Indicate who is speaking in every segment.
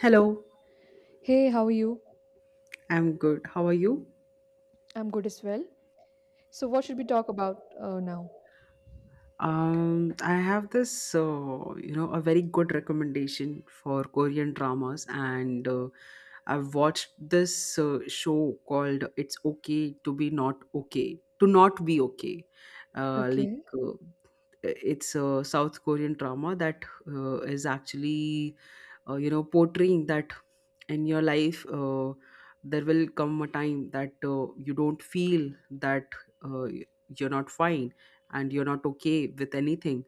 Speaker 1: Hello,
Speaker 2: Hey, how are you?
Speaker 1: I'm good. How are you?
Speaker 2: I'm good as well. So, what should we talk about now?
Speaker 1: I have this, a very good recommendation for Korean dramas, and I've watched this show called "It's Okay to Be Not Okay to Not Be Okay."
Speaker 2: Okay.
Speaker 1: Like, it's a South Korean drama that is actually, portraying that in your life there will come a time that you don't feel that, uh, you're not fine, and you're not okay with anything,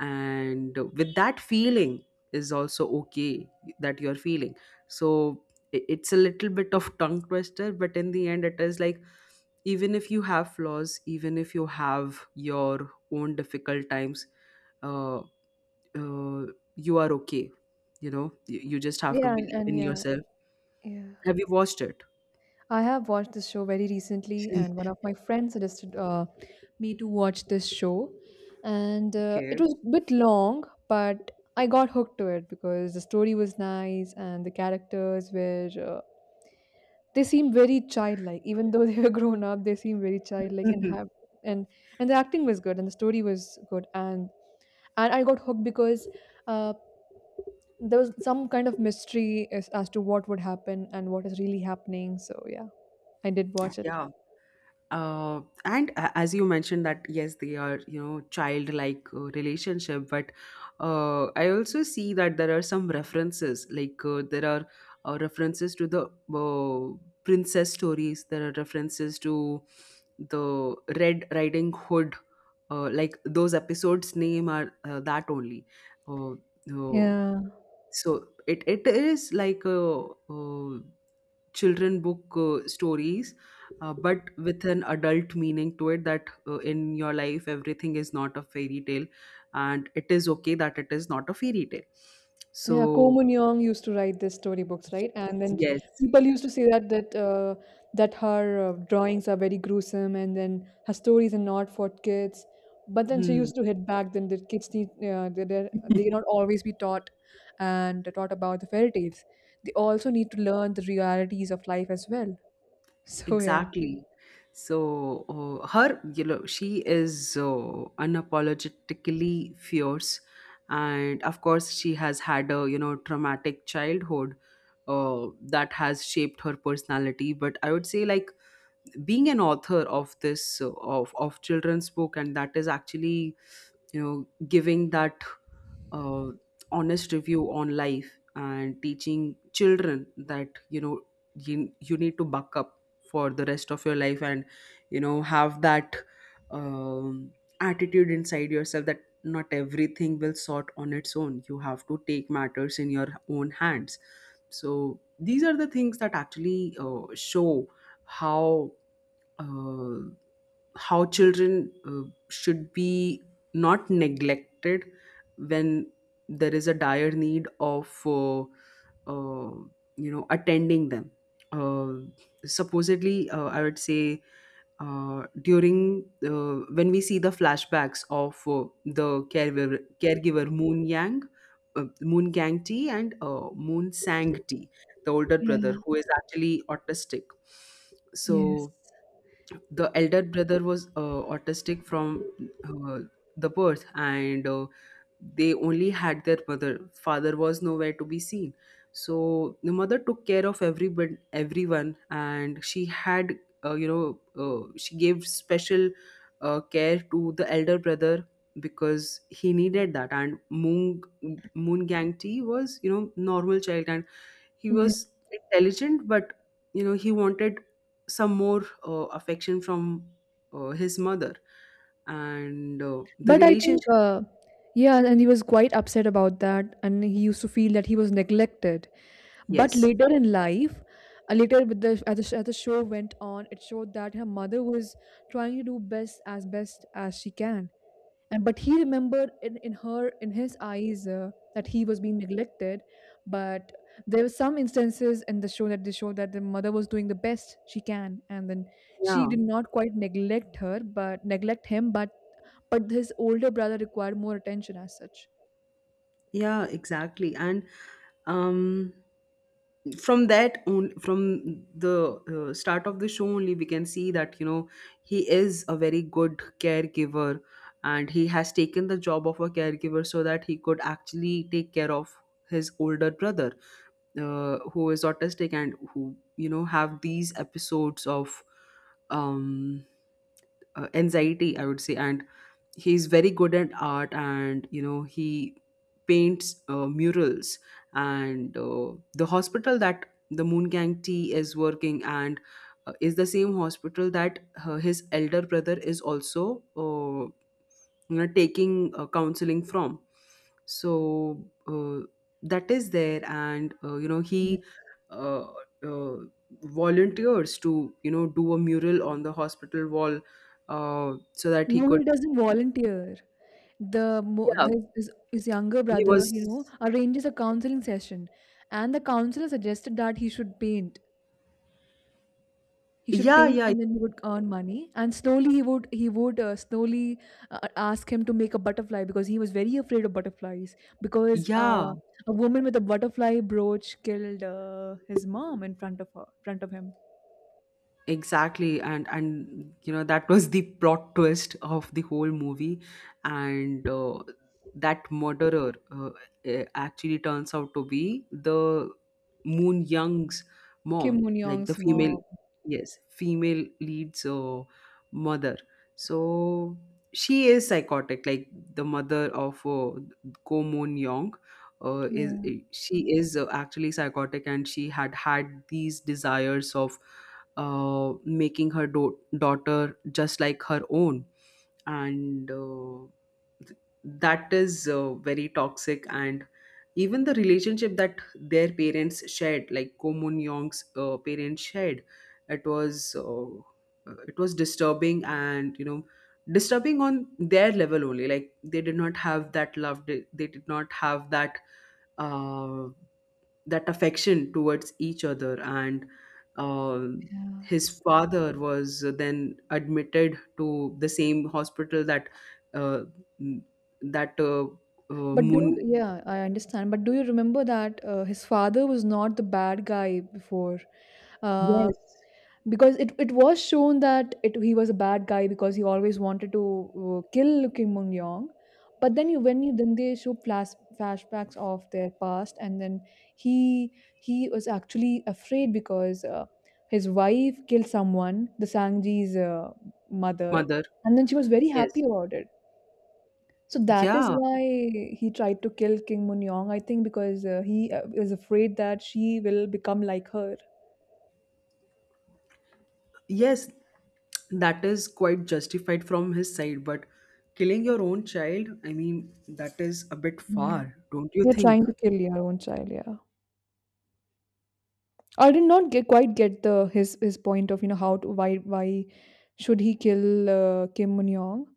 Speaker 1: and with that feeling is also okay, that you're feeling. So it's a little bit of tongue twister, but in the end it is like, even if you have flaws, even if you have your own difficult times, uh, uh, you are okay. You know, you just have to
Speaker 2: Yeah, and,
Speaker 1: believe
Speaker 2: and
Speaker 1: in
Speaker 2: yeah,
Speaker 1: yourself.
Speaker 2: yeah.
Speaker 1: Have you watched it?
Speaker 2: I have watched this show very recently, and one of my friends suggested me to watch this show, and it
Speaker 1: Okay.
Speaker 2: was a bit long, but I got hooked to it because the story was nice and the characters were they seem very childlike, even though they were grown up. They seem very childlike and have and the acting was good and the story was good and I got hooked because uh, there was some kind of mystery as to what would happen and what is really happening. So yeah, I did watch it.
Speaker 1: Yeah, and as you mentioned, that yes, they are, you know, childlike relationship, but I also see that there are some references, like, there are references to the uh, princess stories, there are references to the Red Riding Hood, like those episodes name are that only, uh, uh,
Speaker 2: Yeah.
Speaker 1: so it is like, uh, children book stories, but with an adult meaning to it, that in your life, everything is not a fairy tale, and it is okay that it is not a fairy tale.
Speaker 2: Yeah, Ko
Speaker 1: So
Speaker 2: Mun Yeong used to write these storybooks, right? And then
Speaker 1: yes.
Speaker 2: people used to say that her drawings are very gruesome, and then her stories are not for kids. But then she
Speaker 1: Hmm.
Speaker 2: used to hit back. Then the kids need they not always be taught and taught about the fairy tales. They also need to learn the realities of life as well. So yeah.
Speaker 1: Exactly. So her, you know, she is unapologetically fierce, and of course, she has had a, you know, traumatic childhood that has shaped her personality. But I would say, like, being an author of this, of children's book, and that is actually, you know, giving that uh, honest review on life and teaching children that, you know, you need to buck up for the rest of your life, and you know, have that um, attitude inside yourself, that not everything will sort on its own, you have to take matters in your own hands. So these are the things that actually show how, uh, how children should be not neglected when there is a dire need of, uh, you know, attending them, uh, supposedly, I would say, during, when we see the flashbacks of the caregiver Moon Yang, Moon Gang Tea, and Moon Sang Tea, the older
Speaker 2: Yeah.
Speaker 1: brother, who is actually autistic.
Speaker 2: Yes.
Speaker 1: So the elder brother was autistic from the birth, and they only had their mother. Father was nowhere to be seen. So the mother took care of everybody, everyone, and she had, you know, she gave special care to the elder brother because he needed that. And Moon Gang Tea was, you know, normal child, and. He was intelligent, but you know, he wanted some more affection from, his mother, and the
Speaker 2: But I think,
Speaker 1: relationship.
Speaker 2: yeah, and he was quite upset about that, and he used to feel that he was neglected. But
Speaker 1: Yes.
Speaker 2: later in life, later with the as the show went on, it showed that her mother was trying to do best as she can, and but he remembered in her in his eyes that he was being neglected, but there were some instances in the show that they showed that the mother was doing the best she can and then she
Speaker 1: Yeah.
Speaker 2: did not quite neglect him, but his older brother required more attention as such.
Speaker 1: Yeah, exactly. And um, from that on, from the start of the show only, we can see that, you know, he is a very good caregiver, and he has taken the job of a caregiver so that he could actually take care of his older brother, who is autistic and who, you know, have these episodes of, um, anxiety, I would say. And he's very good at art, and you know, he paints murals. And the hospital that the Moon Gang T is working, and is the same hospital that his elder brother is also, you know, taking counseling from. So uh, that is there, and you know,
Speaker 2: Yeah.
Speaker 1: he uh, uh, volunteers to, you know, do a mural on the hospital wall, so that he
Speaker 2: No,
Speaker 1: could.
Speaker 2: he doesn't volunteer.
Speaker 1: Yeah,
Speaker 2: The his younger
Speaker 1: he
Speaker 2: brother,
Speaker 1: was.
Speaker 2: you know, arranges a counseling session, and the counselor suggested that he should paint. He should
Speaker 1: Yeah,
Speaker 2: paint
Speaker 1: yeah.
Speaker 2: and then he would earn money. And slowly he would slowly ask him to make a butterfly because he was very afraid of butterflies because
Speaker 1: Yeah,
Speaker 2: a woman with a butterfly brooch killed his mom in front of her front of him.
Speaker 1: exactly. And you know, that was the plot twist of the whole movie. And that murderer, actually turns out to be the Moon Young's
Speaker 2: Kim
Speaker 1: mom,
Speaker 2: Moon
Speaker 1: like the
Speaker 2: Young's
Speaker 1: female.
Speaker 2: mom.
Speaker 1: Yes, female lead's mother. So she is psychotic. Like, the mother of Ko Moon Young, is,
Speaker 2: Yeah,
Speaker 1: she is actually psychotic, and she had had these desires of making her daughter just like her own. And that is very toxic. And even the relationship that their parents shared, like Ko Moon Young's parents shared, it was, disturbing and you know, disturbing on their level only. Like, they did not have that love. They did not have that, uh, that affection towards each other, and uh,
Speaker 2: yeah.
Speaker 1: his father was then admitted to the same hospital that, uh, that uh, Moon.
Speaker 2: Yeah, I understand. But do you remember that his father was not the bad guy before? Uh,
Speaker 1: Yes.
Speaker 2: because it was shown that it, he was a bad guy because he always wanted to kill Kim Moon Young. But then you when you then they show flashbacks of their past, and then he he was actually afraid because his wife killed someone, the Sangji's mother,
Speaker 1: Mother.
Speaker 2: and then she was very happy
Speaker 1: Yes.
Speaker 2: about it. So that is
Speaker 1: Yeah,
Speaker 2: why he tried to kill Kim Moon Young, I think, because he is afraid that she will become like her.
Speaker 1: yes, that is quite justified from his side, but killing your own child, I mean, that is a bit
Speaker 2: Yeah,
Speaker 1: far, don't you
Speaker 2: you're
Speaker 1: think?
Speaker 2: trying to kill your own child. Yeah. I did not quite get the his point of, you know, how to why should he kill Kim Moon Young?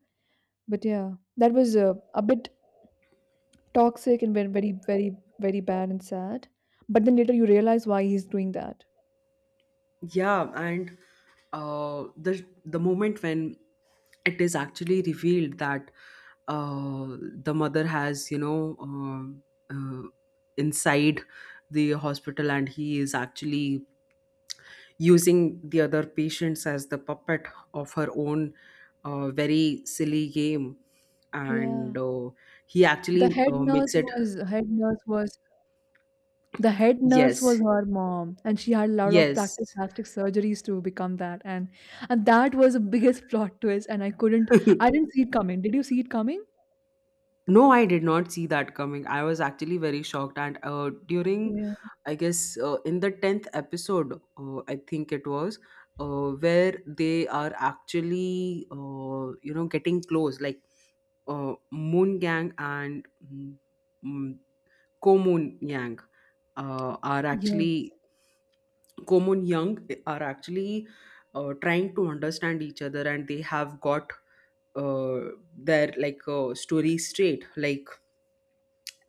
Speaker 2: But yeah, that was a bit toxic and very, very, very, very bad and sad. But then later you realize why he's doing that.
Speaker 1: Yeah, and the moment when it is actually revealed that uh, the mother has, you know, uh, inside the hospital, and he is actually using the other patients as the puppet of her own, very silly game,
Speaker 2: Yeah,
Speaker 1: and he
Speaker 2: the
Speaker 1: actually
Speaker 2: head
Speaker 1: makes
Speaker 2: nurse
Speaker 1: it.
Speaker 2: was the head nurse was
Speaker 1: Yes,
Speaker 2: her mom, and she had a lot of
Speaker 1: yes.
Speaker 2: practic plastic surgeries to become that, and that was the biggest plot twist, and I didn't see it coming. Did you see it coming?
Speaker 1: No, I did not see that coming. I was actually very shocked. And during,
Speaker 2: Yeah.
Speaker 1: I guess, in the 10th episode, I think it was, where they are actually, you know, getting close, like, Moon Gang and, mm, Ko Moon Yang are
Speaker 2: Yes.
Speaker 1: actually, Ko Moon Young are actually trying to understand each other, and they have got uh, their, like, story straight. Like,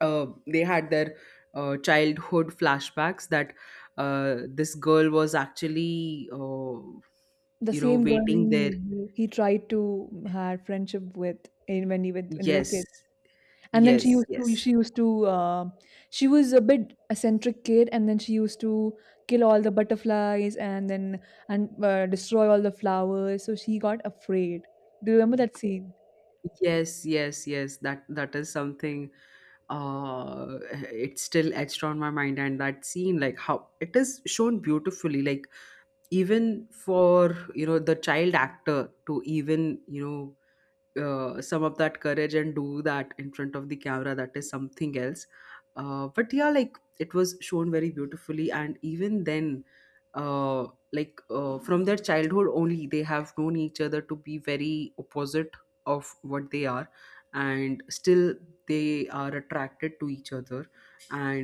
Speaker 1: they had their childhood flashbacks, that this girl was actually,
Speaker 2: The
Speaker 1: you know,
Speaker 2: same girl
Speaker 1: waiting there.
Speaker 2: he tried to have friendship with in when he went when they were
Speaker 1: Yes,
Speaker 2: kids. And then
Speaker 1: yes, yes.
Speaker 2: she used to she was a bit eccentric kid, and then she used to kill all the butterflies and then and destroy all the flowers. So she got afraid. Do you remember that scene?
Speaker 1: Yes, yes, yes, that is something, uh it's still etched on my mind. And that scene, like how it is shown beautifully, like, even for, you know, the child actor to even, you know, some of that courage and do that in front of the camera, that is something else. But yeah, like, it was shown very beautifully, and even then, uh, like, from their childhood only, they have known each other to be very opposite of what they are, and still they are attracted to each other.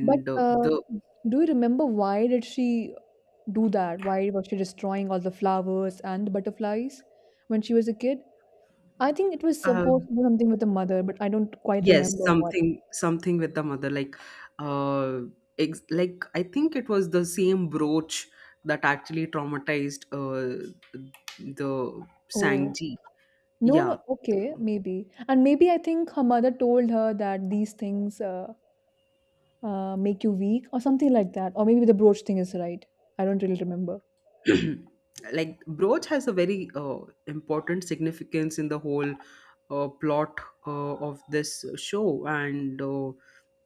Speaker 2: But
Speaker 1: the
Speaker 2: do you remember why did she do that? Why was she destroying all the flowers and the butterflies when she was a kid? I think it was
Speaker 1: uh,
Speaker 2: supposed to be something with the mother, but I don't quite
Speaker 1: yes,
Speaker 2: remember what.
Speaker 1: something with the mother, like, uh ex like, I think it was the same brooch that actually traumatized the
Speaker 2: Oh.
Speaker 1: Sangji.
Speaker 2: No,
Speaker 1: Yeah.
Speaker 2: no, okay, maybe. And maybe I think her mother told her that these things make you weak or something like that. Or maybe the brooch thing is right. I don't really remember.
Speaker 1: the- Like, brooch has a very important significance in the whole plot uh, of this show. And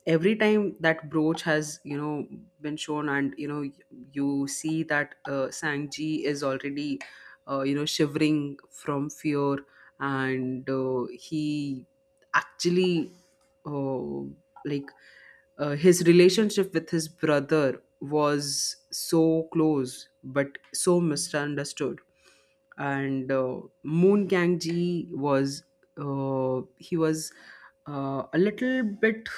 Speaker 1: every time that brooch has, you know, been shown, and you know, you see that Sangji is already, you know, shivering from fear, and he actually, uh, like, his relationship with his brother was so close but so misunderstood. And Moon Gang Ji was, he was, a little bit,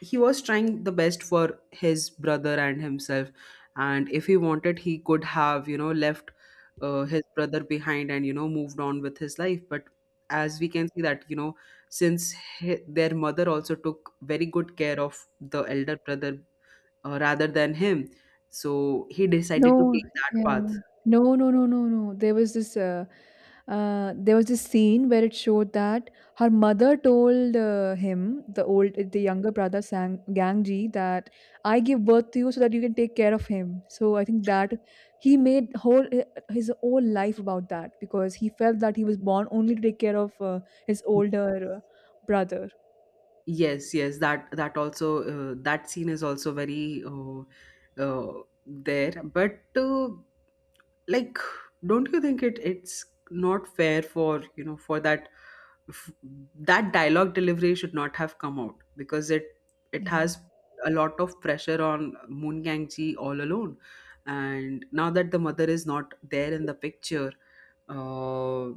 Speaker 1: he was trying the best for his brother and himself. And if he wanted, he could have, you know, left his brother behind and, you know, moved on with his life. But as we can see that, you know, since their mother also took very good care of the elder brother rather than him, so he decided to
Speaker 2: No,
Speaker 1: take that
Speaker 2: yeah.
Speaker 1: path.
Speaker 2: No, no, no, no, no. There was this scene where it showed that her mother told him, the younger brother Sang Gangji, that I give birth to you so that you can take care of him. So I think that he made whole his whole life about that because he felt that he was born only to take care of his older brother.
Speaker 1: Yes, yes, that that also, that scene is also very, there. But like, don't you think it's not fair, for you know, for that, f- that dialogue delivery should not have come out, because it has a lot of pressure on Moon Gang Ji all alone, and now that the mother is not there in the picture, uh,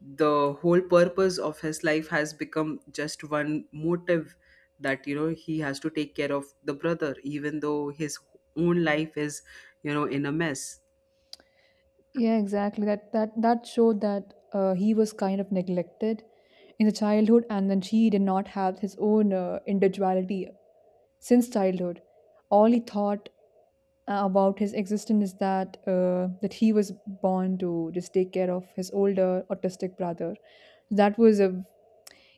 Speaker 1: the whole purpose of his life has become just one motive, that you know, he has to take care of the brother even though his own life is, you know, in a mess.
Speaker 2: Yeah, exactly. That showed that he was kind of neglected in the childhood, and then she did not have his own individuality since childhood. All he thought about his existence is that he was born to just take care of his older autistic brother. That was a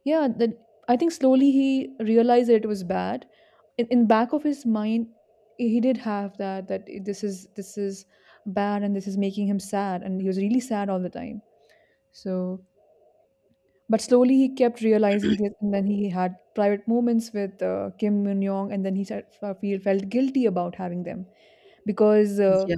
Speaker 2: yeah. That I think slowly he realized that it was bad. In back of his mind, he did have that this is bad and this is making him sad, and he was really sad all the time, so, but slowly he kept realizing this, and then he had private moments with Kim Min Young, and then he said, felt guilty about having them because
Speaker 1: Yeah,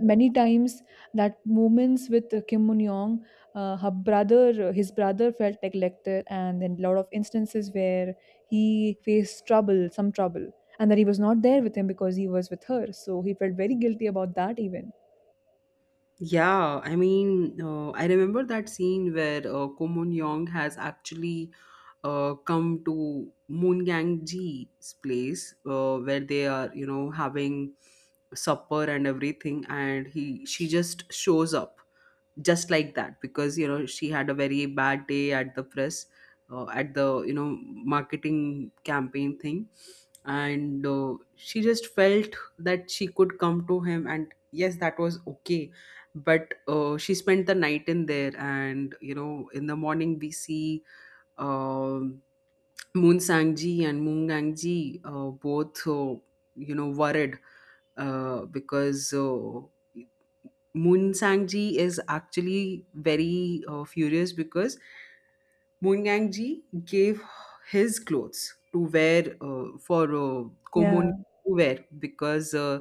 Speaker 2: many times that moments with Kim Min Young, his brother felt neglected, and then a lot of instances where he faced trouble, some trouble, and that he was not there with him because he was with her. So he felt very guilty about that even.
Speaker 1: yeah, I mean, I remember that scene where Ko Moon Young has actually come to Moon Gang Ji's place, where they are, you know, having supper and everything, and he she just shows up just like that, because you know, she had a very bad day at the press, at the, you know, marketing campaign thing. And she just felt that she could come to him, and yes, that was okay. But she spent the night in there, and you know, in the morning we see, um Moon Sangji and Moon Gangji, both, you know, worried, because Moon Sang Ji is actually very furious, because Moon Ji gave his clothes to wear, for
Speaker 2: Yeah,
Speaker 1: Komon to wear, because, uh,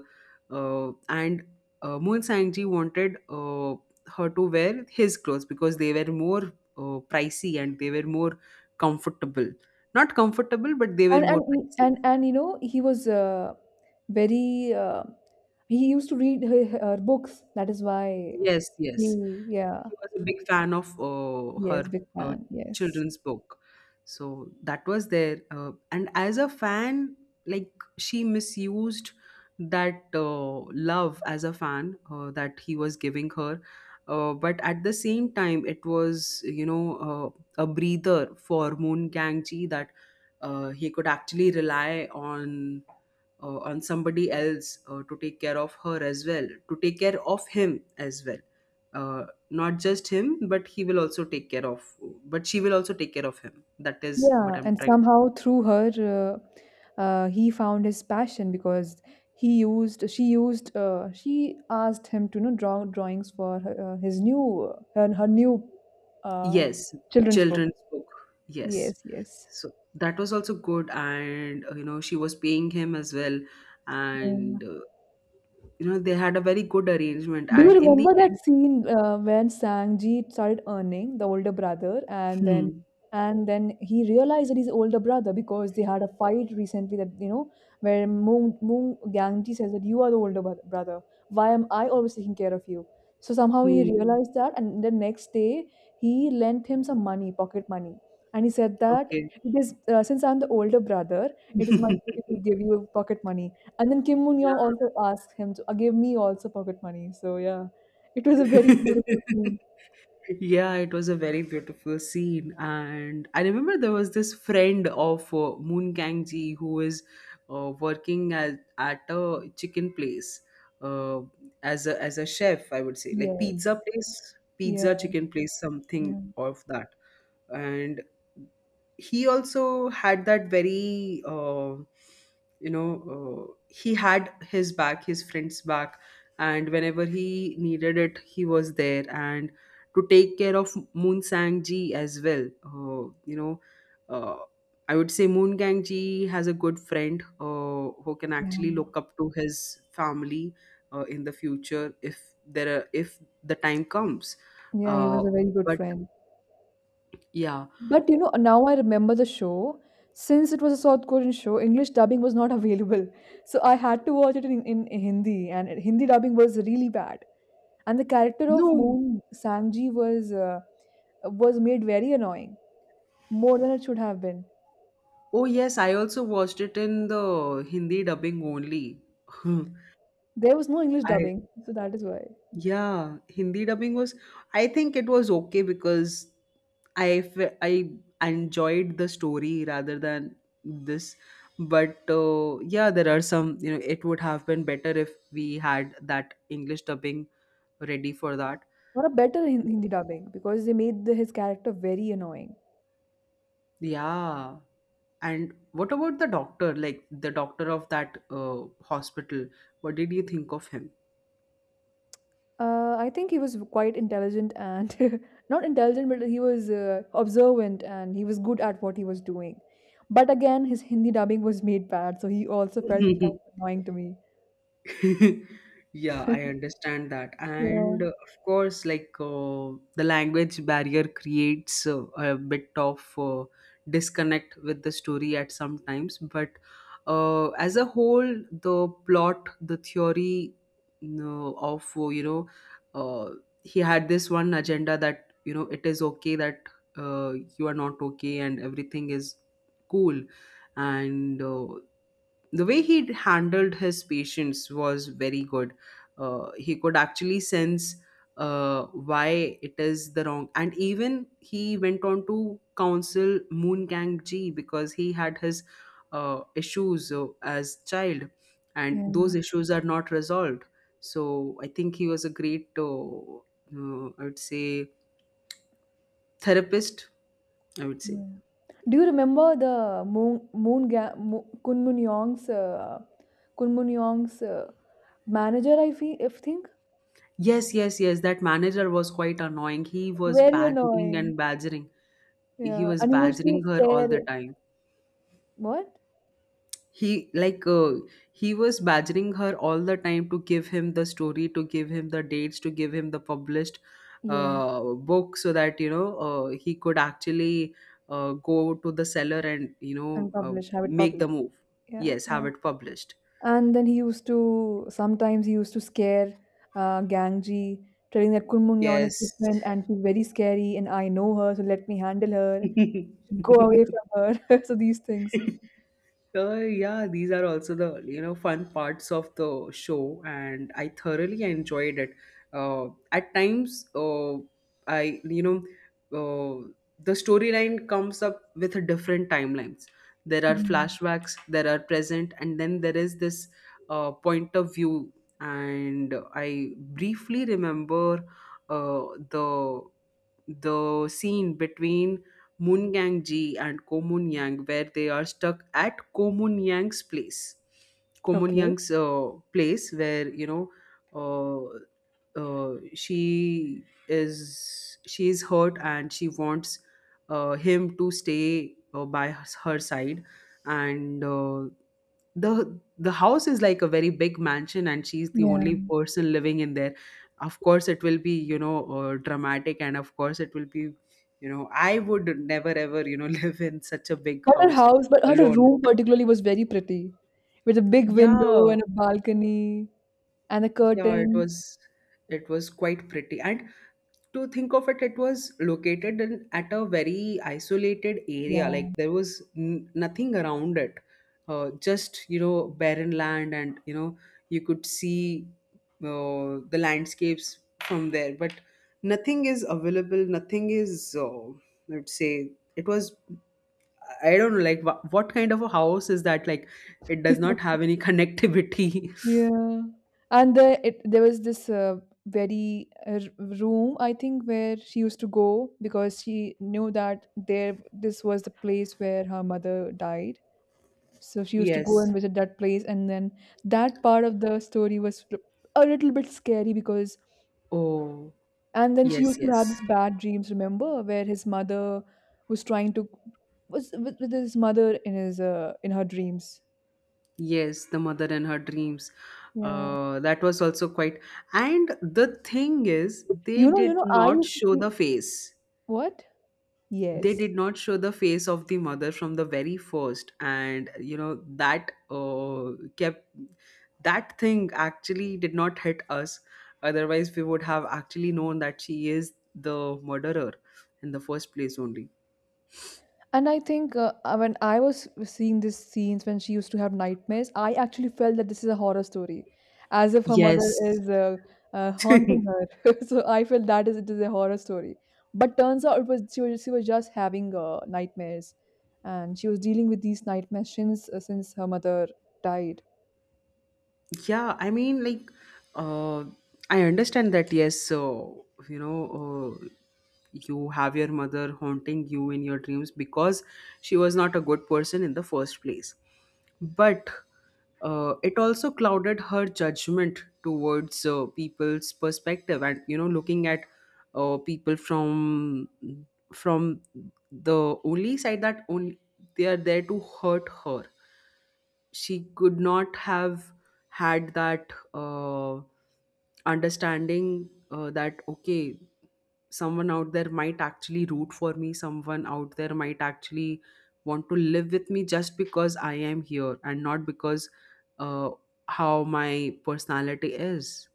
Speaker 1: uh, and Moon Ji wanted her to wear his clothes because they were more pricey, and they were more comfortable. Not comfortable, but they were
Speaker 2: and
Speaker 1: more pricey.
Speaker 2: and, you know, he was very he used to read her books. That is why
Speaker 1: Yes, yes.
Speaker 2: he
Speaker 1: He
Speaker 2: yeah,
Speaker 1: was a big fan of
Speaker 2: yes,
Speaker 1: her
Speaker 2: big
Speaker 1: uh,
Speaker 2: fan, yes.
Speaker 1: children's book. So that was there, and as a fan, like, she misused that love as a fan that he was giving her. But at the same time, it was, you know, a breather for Moon Gangji that he could actually rely on somebody else to take care of her as well, to take care of him as well. uh, Not just him, but he will also take care of, but she will also take care of him. That is what
Speaker 2: Yeah,
Speaker 1: I'm
Speaker 2: and
Speaker 1: trying.
Speaker 2: somehow through her, he found his passion because she asked him to, you know, draw drawings for her, her new, uh,
Speaker 1: Yes,
Speaker 2: children's book.
Speaker 1: children's book. Yes.
Speaker 2: Yes, yes.
Speaker 1: So that was also good, and you know, she was paying him as well. And
Speaker 2: Yeah.
Speaker 1: you know, they had a very good arrangement,
Speaker 2: Do you
Speaker 1: and in the
Speaker 2: remember that
Speaker 1: end.
Speaker 2: scene when Sangji started earning the older brother,
Speaker 1: Hmm.
Speaker 2: and then he realized that he's older brother because they had a fight recently that, you know, where Moon Gangji says that you are the older brother. Why am I always taking care of you? So somehow he
Speaker 1: Hmm.
Speaker 2: realized that, and the next day he lent him some money, pocket money, and he said that
Speaker 1: Okay.
Speaker 2: it is since I'm the older brother, it is my duty to give you pocket money. And then Kim Moon Young
Speaker 1: Yeah.
Speaker 2: also asked him to gave me also pocket money. So yeah, it was a very beautiful scene.
Speaker 1: Yeah, it was a very beautiful scene. And I remember there was this friend of Moon Kangji who was working as, at a chicken place, uh, as a chef, I would say, like
Speaker 2: Yes.
Speaker 1: pizza place,
Speaker 2: Yeah,
Speaker 1: pizza chicken place, something
Speaker 2: yeah,
Speaker 1: of that. And he also had that very you know, he had his back, his friend's back, and whenever he needed it, he was there and to take care of Moon Sang Ji as well. uh, you know, uh, I would say Moon Gang Ji has a good friend who can actually
Speaker 2: yeah.
Speaker 1: look up to his family in the future, if there are, if the time comes,
Speaker 2: Yeah, he
Speaker 1: uh,
Speaker 2: was a very good
Speaker 1: but
Speaker 2: friend.
Speaker 1: yeah.
Speaker 2: But you know, now I remember the show. Since it was a South Korean show, English dubbing was not available. So I had to watch it in Hindi, and Hindi dubbing was really bad. And the character of
Speaker 1: No.
Speaker 2: Moon Sangji was made very annoying, more than it should have been.
Speaker 1: Oh, yes, I also watched it in the Hindi dubbing only.
Speaker 2: There was no English
Speaker 1: I.
Speaker 2: dubbing, so that is why.
Speaker 1: Yeah, Hindi dubbing was, I think it was okay because I enjoyed the story rather than this. But yeah, there are some, you know, it would have been better if we had that English dubbing ready for that.
Speaker 2: Or a better Hindi dubbing because they made his character very annoying.
Speaker 1: Yeah. And what about the doctor, like the doctor of that hospital? What did you think of him?
Speaker 2: I think he was quite intelligent and not intelligent, but he was observant and he was good at what he was doing. But again, his Hindi dubbing was made bad, so he also felt kind of annoying to me.
Speaker 1: Yeah, I understand that,
Speaker 2: Yeah,
Speaker 1: and of course, like, the language barrier creates a bit of disconnect with the story at some times, but as a whole, the plot, the theory, you know, of, you know, uh, he had this one agenda that, you know, it is okay that you are not okay and everything is cool. And the way he handled his patients was very good. He could actually sense why it is the wrong, and even he went on to counsel Moon Kang Ji because he had his issues as child, and those
Speaker 2: yeah,
Speaker 1: issues are not resolved. So I think he was a great, I would say, therapist, I would say.
Speaker 2: yeah. Do you remember the Kunmun Yong's manager? I think
Speaker 1: Yes, yes, yes. That manager was quite annoying. He was
Speaker 2: very
Speaker 1: badgering
Speaker 2: annoying.
Speaker 1: and badgering. He
Speaker 2: Yeah,
Speaker 1: was
Speaker 2: and he used to
Speaker 1: badgering her all the
Speaker 2: scare.
Speaker 1: time.
Speaker 2: What?
Speaker 1: He, like, he was badgering her all the time to give him the story, to give him the dates, to give him the published
Speaker 2: Yes,
Speaker 1: book, so that, you know, he could actually go to the seller and, you
Speaker 2: and
Speaker 1: know,
Speaker 2: publish, have it
Speaker 1: make the
Speaker 2: published.
Speaker 1: move.
Speaker 2: Yeah,
Speaker 1: Yes,
Speaker 2: yeah.
Speaker 1: have it published.
Speaker 2: And then he used to sometimes he used to scare Gangji, telling that Kunmungyeon is
Speaker 1: Yes.
Speaker 2: different and she's very scary, and I know her, so let me handle her. Go away from her. So these things.
Speaker 1: Yeah, these are also the, you know, fun parts of the show, and I thoroughly enjoyed it. At times, I, you know, uh, the storyline comes up with different timelines. There are
Speaker 2: Mhm.
Speaker 1: flashbacks, there are present, and then there is this point of view. And I briefly remember uh, the the scene between Munyangji and Komunyang, where they are stuck at Komunyang's place.
Speaker 2: Okay.
Speaker 1: Komunyang's place, where, you know, she is hurt and she wants him to stay by her side, and the house is like a very big mansion, and she's the only
Speaker 2: Yeah.
Speaker 1: person living in there. Of course, it will be, you know, dramatic, and of course, it will be, you know, I would never ever, you know, live in such a big
Speaker 2: But her
Speaker 1: house
Speaker 2: house, but her
Speaker 1: alone.
Speaker 2: room particularly was very pretty, with a big window
Speaker 1: Yeah,
Speaker 2: and a balcony and the
Speaker 1: yeah, it
Speaker 2: curtains.
Speaker 1: was, it was quite pretty. And to think of it, it was located in at a very isolated area.
Speaker 2: Yeah.
Speaker 1: Like there was n nothing around it. Just, you know, barren land and, you know, you could see the landscapes from there, but nothing is available. Nothing is, I would say, it was, I don't know, like what kind of a house is that? Like, it does not have any connectivity.
Speaker 2: Yeah. And there was this room I think where she used to go because she knew that there this was the place where her mother died. So she used to go
Speaker 1: Yes.
Speaker 2: and visit that place, and then that part of the story was a little bit scary because
Speaker 1: Oh,
Speaker 2: and then she
Speaker 1: yes,
Speaker 2: used to
Speaker 1: yes,
Speaker 2: have these bad dreams, remember, where his mother was trying to was with his mother in his in her dreams.
Speaker 1: yes. The mother and her dreams.
Speaker 2: Yeah.
Speaker 1: That was also quite. And the thing is, they
Speaker 2: You know,
Speaker 1: did
Speaker 2: I
Speaker 1: not
Speaker 2: used to
Speaker 1: show
Speaker 2: feel
Speaker 1: the face.
Speaker 2: what?
Speaker 1: They
Speaker 2: Yes.
Speaker 1: did not show the face of the mother from the very first, and you know that kept, that thing actually did not hit us, otherwise we would have actually known that she is the murderer in the first place only.
Speaker 2: And I think when I was seeing these scenes when she used to have nightmares, I actually felt that this is a horror story, as if her mother
Speaker 1: Yes.
Speaker 2: is haunting her. So I felt that is it is a horror story. But turns out it was she was, she was just having nightmares, and she was dealing with these nightmares since her mother died.
Speaker 1: Yeah, I mean, like, uh, I understand that. Yes, so you know, uh, you have your mother haunting you in your dreams because she was not a good person in the first place. But it also clouded her judgment towards people's perspective, and you know, looking at people from the only side, that only they are there to hurt her. She could not have had that understanding that, okay, someone out there might actually root for me, someone out there might actually want to live with me just because I am here and not because uh, how my personality is.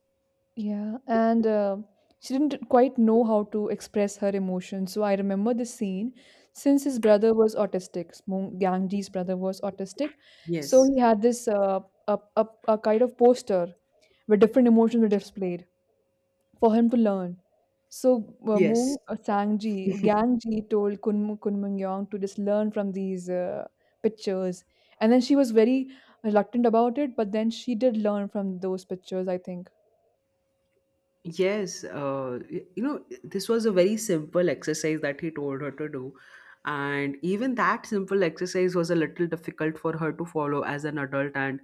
Speaker 2: Yeah, and she didn't quite know how to express her emotions. So I remember this scene. Since his brother was autistic, Gangji's brother was autistic, so
Speaker 1: Yes,
Speaker 2: he had this a kind of poster where different emotions were displayed for him to learn. So
Speaker 1: yes.
Speaker 2: Gangji told Kunmungyong to just learn from these pictures, and then she was very reluctant about it, but then she did learn from those pictures, I think.
Speaker 1: Yes, you know, this was a very simple exercise that he told her to do. And even that simple exercise was a little difficult for her to follow as an adult. And,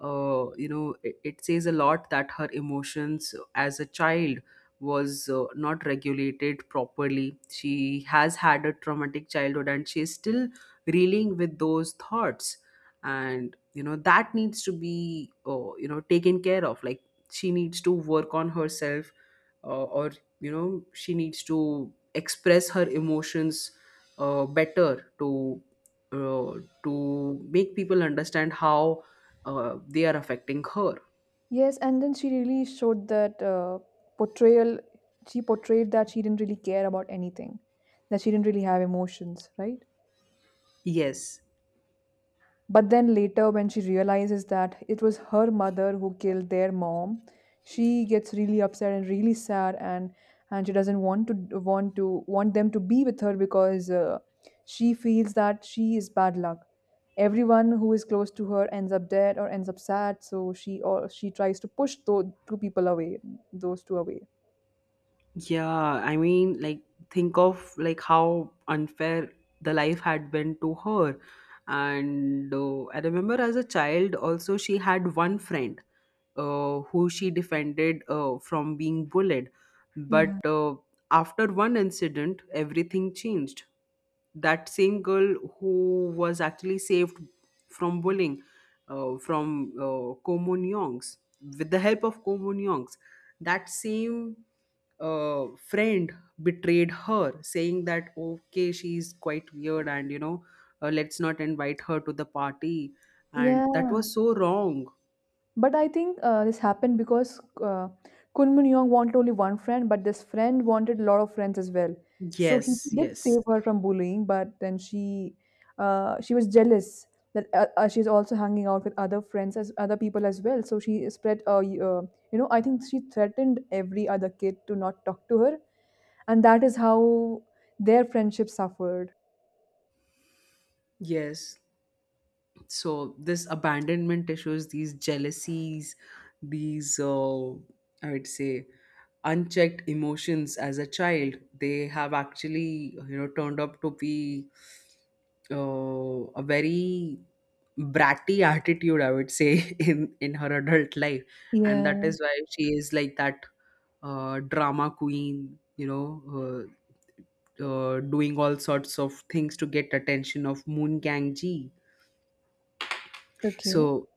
Speaker 1: you know, it says a lot that her emotions as a child was not regulated properly. She has had a traumatic childhood, and she is still reeling with those thoughts. And, you know, that needs to be, you know, taken care of. Like, she needs to work on herself, or, you know, she needs to express her emotions better uh, to make people understand how they are affecting her.
Speaker 2: Yes, and then she really showed that portrayal. She portrayed that she didn't really care about anything, that she didn't really have emotions, right?
Speaker 1: Yes.
Speaker 2: But then later, when she realizes that it was her mother who killed their mom, she gets really upset and really sad, and she doesn't want them to be with her because she feels that she is bad luck. Everyone who is close to her ends up dead or ends up sad, so she tries to push those two people away, those two away.
Speaker 1: Yeah, I mean, like, think of like how unfair the life had been to her. And I remember as a child, also she had one friend who she defended from being bullied.
Speaker 2: Yeah.
Speaker 1: But after one incident, everything changed. That same girl who was actually saved from bullying from Komun Young's, with the help of Ko Komun Young's, that same friend betrayed her, saying that, okay, she's quite weird and, you know, let's not invite her to the party.
Speaker 2: Yeah.
Speaker 1: And that was so wrong.
Speaker 2: But I think this happened because Kunmin Yong wanted only one friend, but this friend wanted a lot of friends as well. So he
Speaker 1: Yes,
Speaker 2: did
Speaker 1: yes,
Speaker 2: save her from bullying, but then she was jealous that she's also hanging out with other friends as other people as well. So she spread you know, I think she threatened every other kid to not talk to her, and that is how their friendship suffered.
Speaker 1: yes. So this abandonment issues, these jealousies, these I would say unchecked emotions as a child, they have actually, you know, turned up to be a very bratty attitude, I would say, in her adult life. And that
Speaker 2: Yeah.
Speaker 1: is why she is like that drama queen, you know, doing all sorts of things to get attention of Moon Gang Ji.
Speaker 2: Okay.
Speaker 1: So.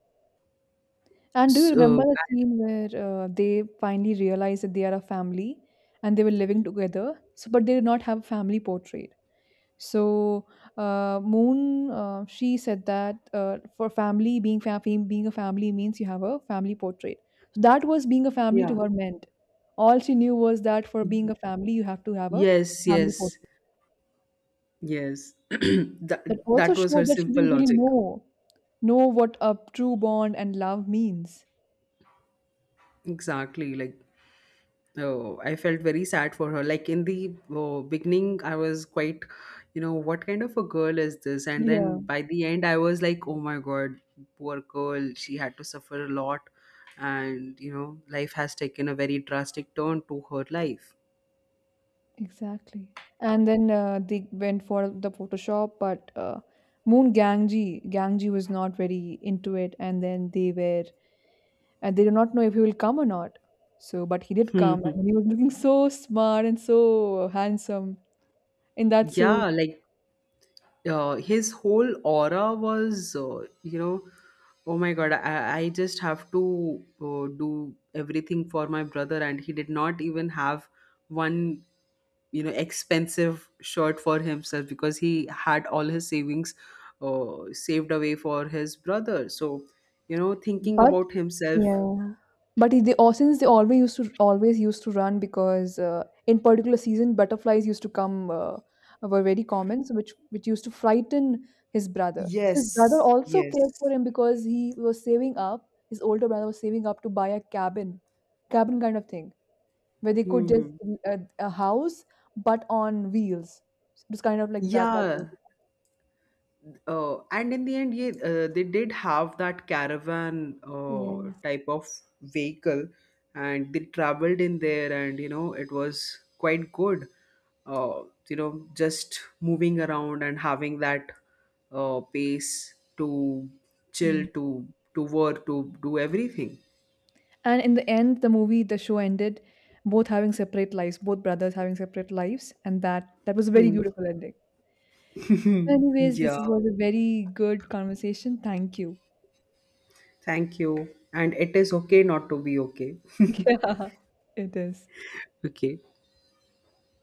Speaker 2: And do you remember
Speaker 1: So.
Speaker 2: the scene where they finally realize that they are a family and they were living together? So, but they did not have a family portrait. So, she said that for family, being a family means you have a family portrait. So that was being a family
Speaker 1: Yeah.
Speaker 2: to her meant. All she knew was that for being
Speaker 1: Mhm.
Speaker 2: a family, you have to have a
Speaker 1: Yes,
Speaker 2: family
Speaker 1: yes,
Speaker 2: portrait.
Speaker 1: yes. That,
Speaker 2: That also
Speaker 1: that was her
Speaker 2: showed that she
Speaker 1: simple
Speaker 2: didn't really
Speaker 1: logic.
Speaker 2: know what a true bond and love means.
Speaker 1: Exactly. Like, oh, I felt very sad for her. Like, in the, oh, beginning, I was quite, you know, what kind of a girl is this? And
Speaker 2: Yeah.
Speaker 1: then by the end, I was like, oh my God, poor girl. She had to suffer a lot. And, you know, life has taken a very drastic turn to her life.
Speaker 2: Exactly. And then they went for the Photoshop, but Gangji was not very into it, and they did not know if he will come or not. So, but he did come, and he was looking so smart and so handsome in that suit.
Speaker 1: Yeah, like, his whole aura was, you know, oh my God, I just have to do everything for my brother, and he did not even have one, you know, expensive shirt for himself because he had all his savings saved away for his brother. So, you know, thinking
Speaker 2: But
Speaker 1: about himself.
Speaker 2: yeah, but they all since they always used to run because in particular season butterflies used to come were very common, so which used to frighten his brother. So
Speaker 1: Yes,
Speaker 2: his brother also cared
Speaker 1: yes.
Speaker 2: for him because he was saving up. His older brother was saving up to buy a cabin, cabin kind of thing where they could just
Speaker 1: Hmm.
Speaker 2: a house but on wheels. So it was kind of like that. That
Speaker 1: Yeah. And in the end, yeah, they did have that caravan
Speaker 2: idea.
Speaker 1: type of vehicle, and they traveled in there, and you know it was quite good. Uh, you know, just moving around and having that pace to chill,
Speaker 2: Yes.
Speaker 1: to work, to do everything.
Speaker 2: And in the end, the show ended both having separate lives, both brothers having separate lives, and that was a very
Speaker 1: Hmm.
Speaker 2: beautiful ending. Anyways, this
Speaker 1: Yeah,
Speaker 2: was a very good conversation. Thank you.
Speaker 1: thank you. And it is okay not to be okay.
Speaker 2: Yeah, it is.
Speaker 1: Okay.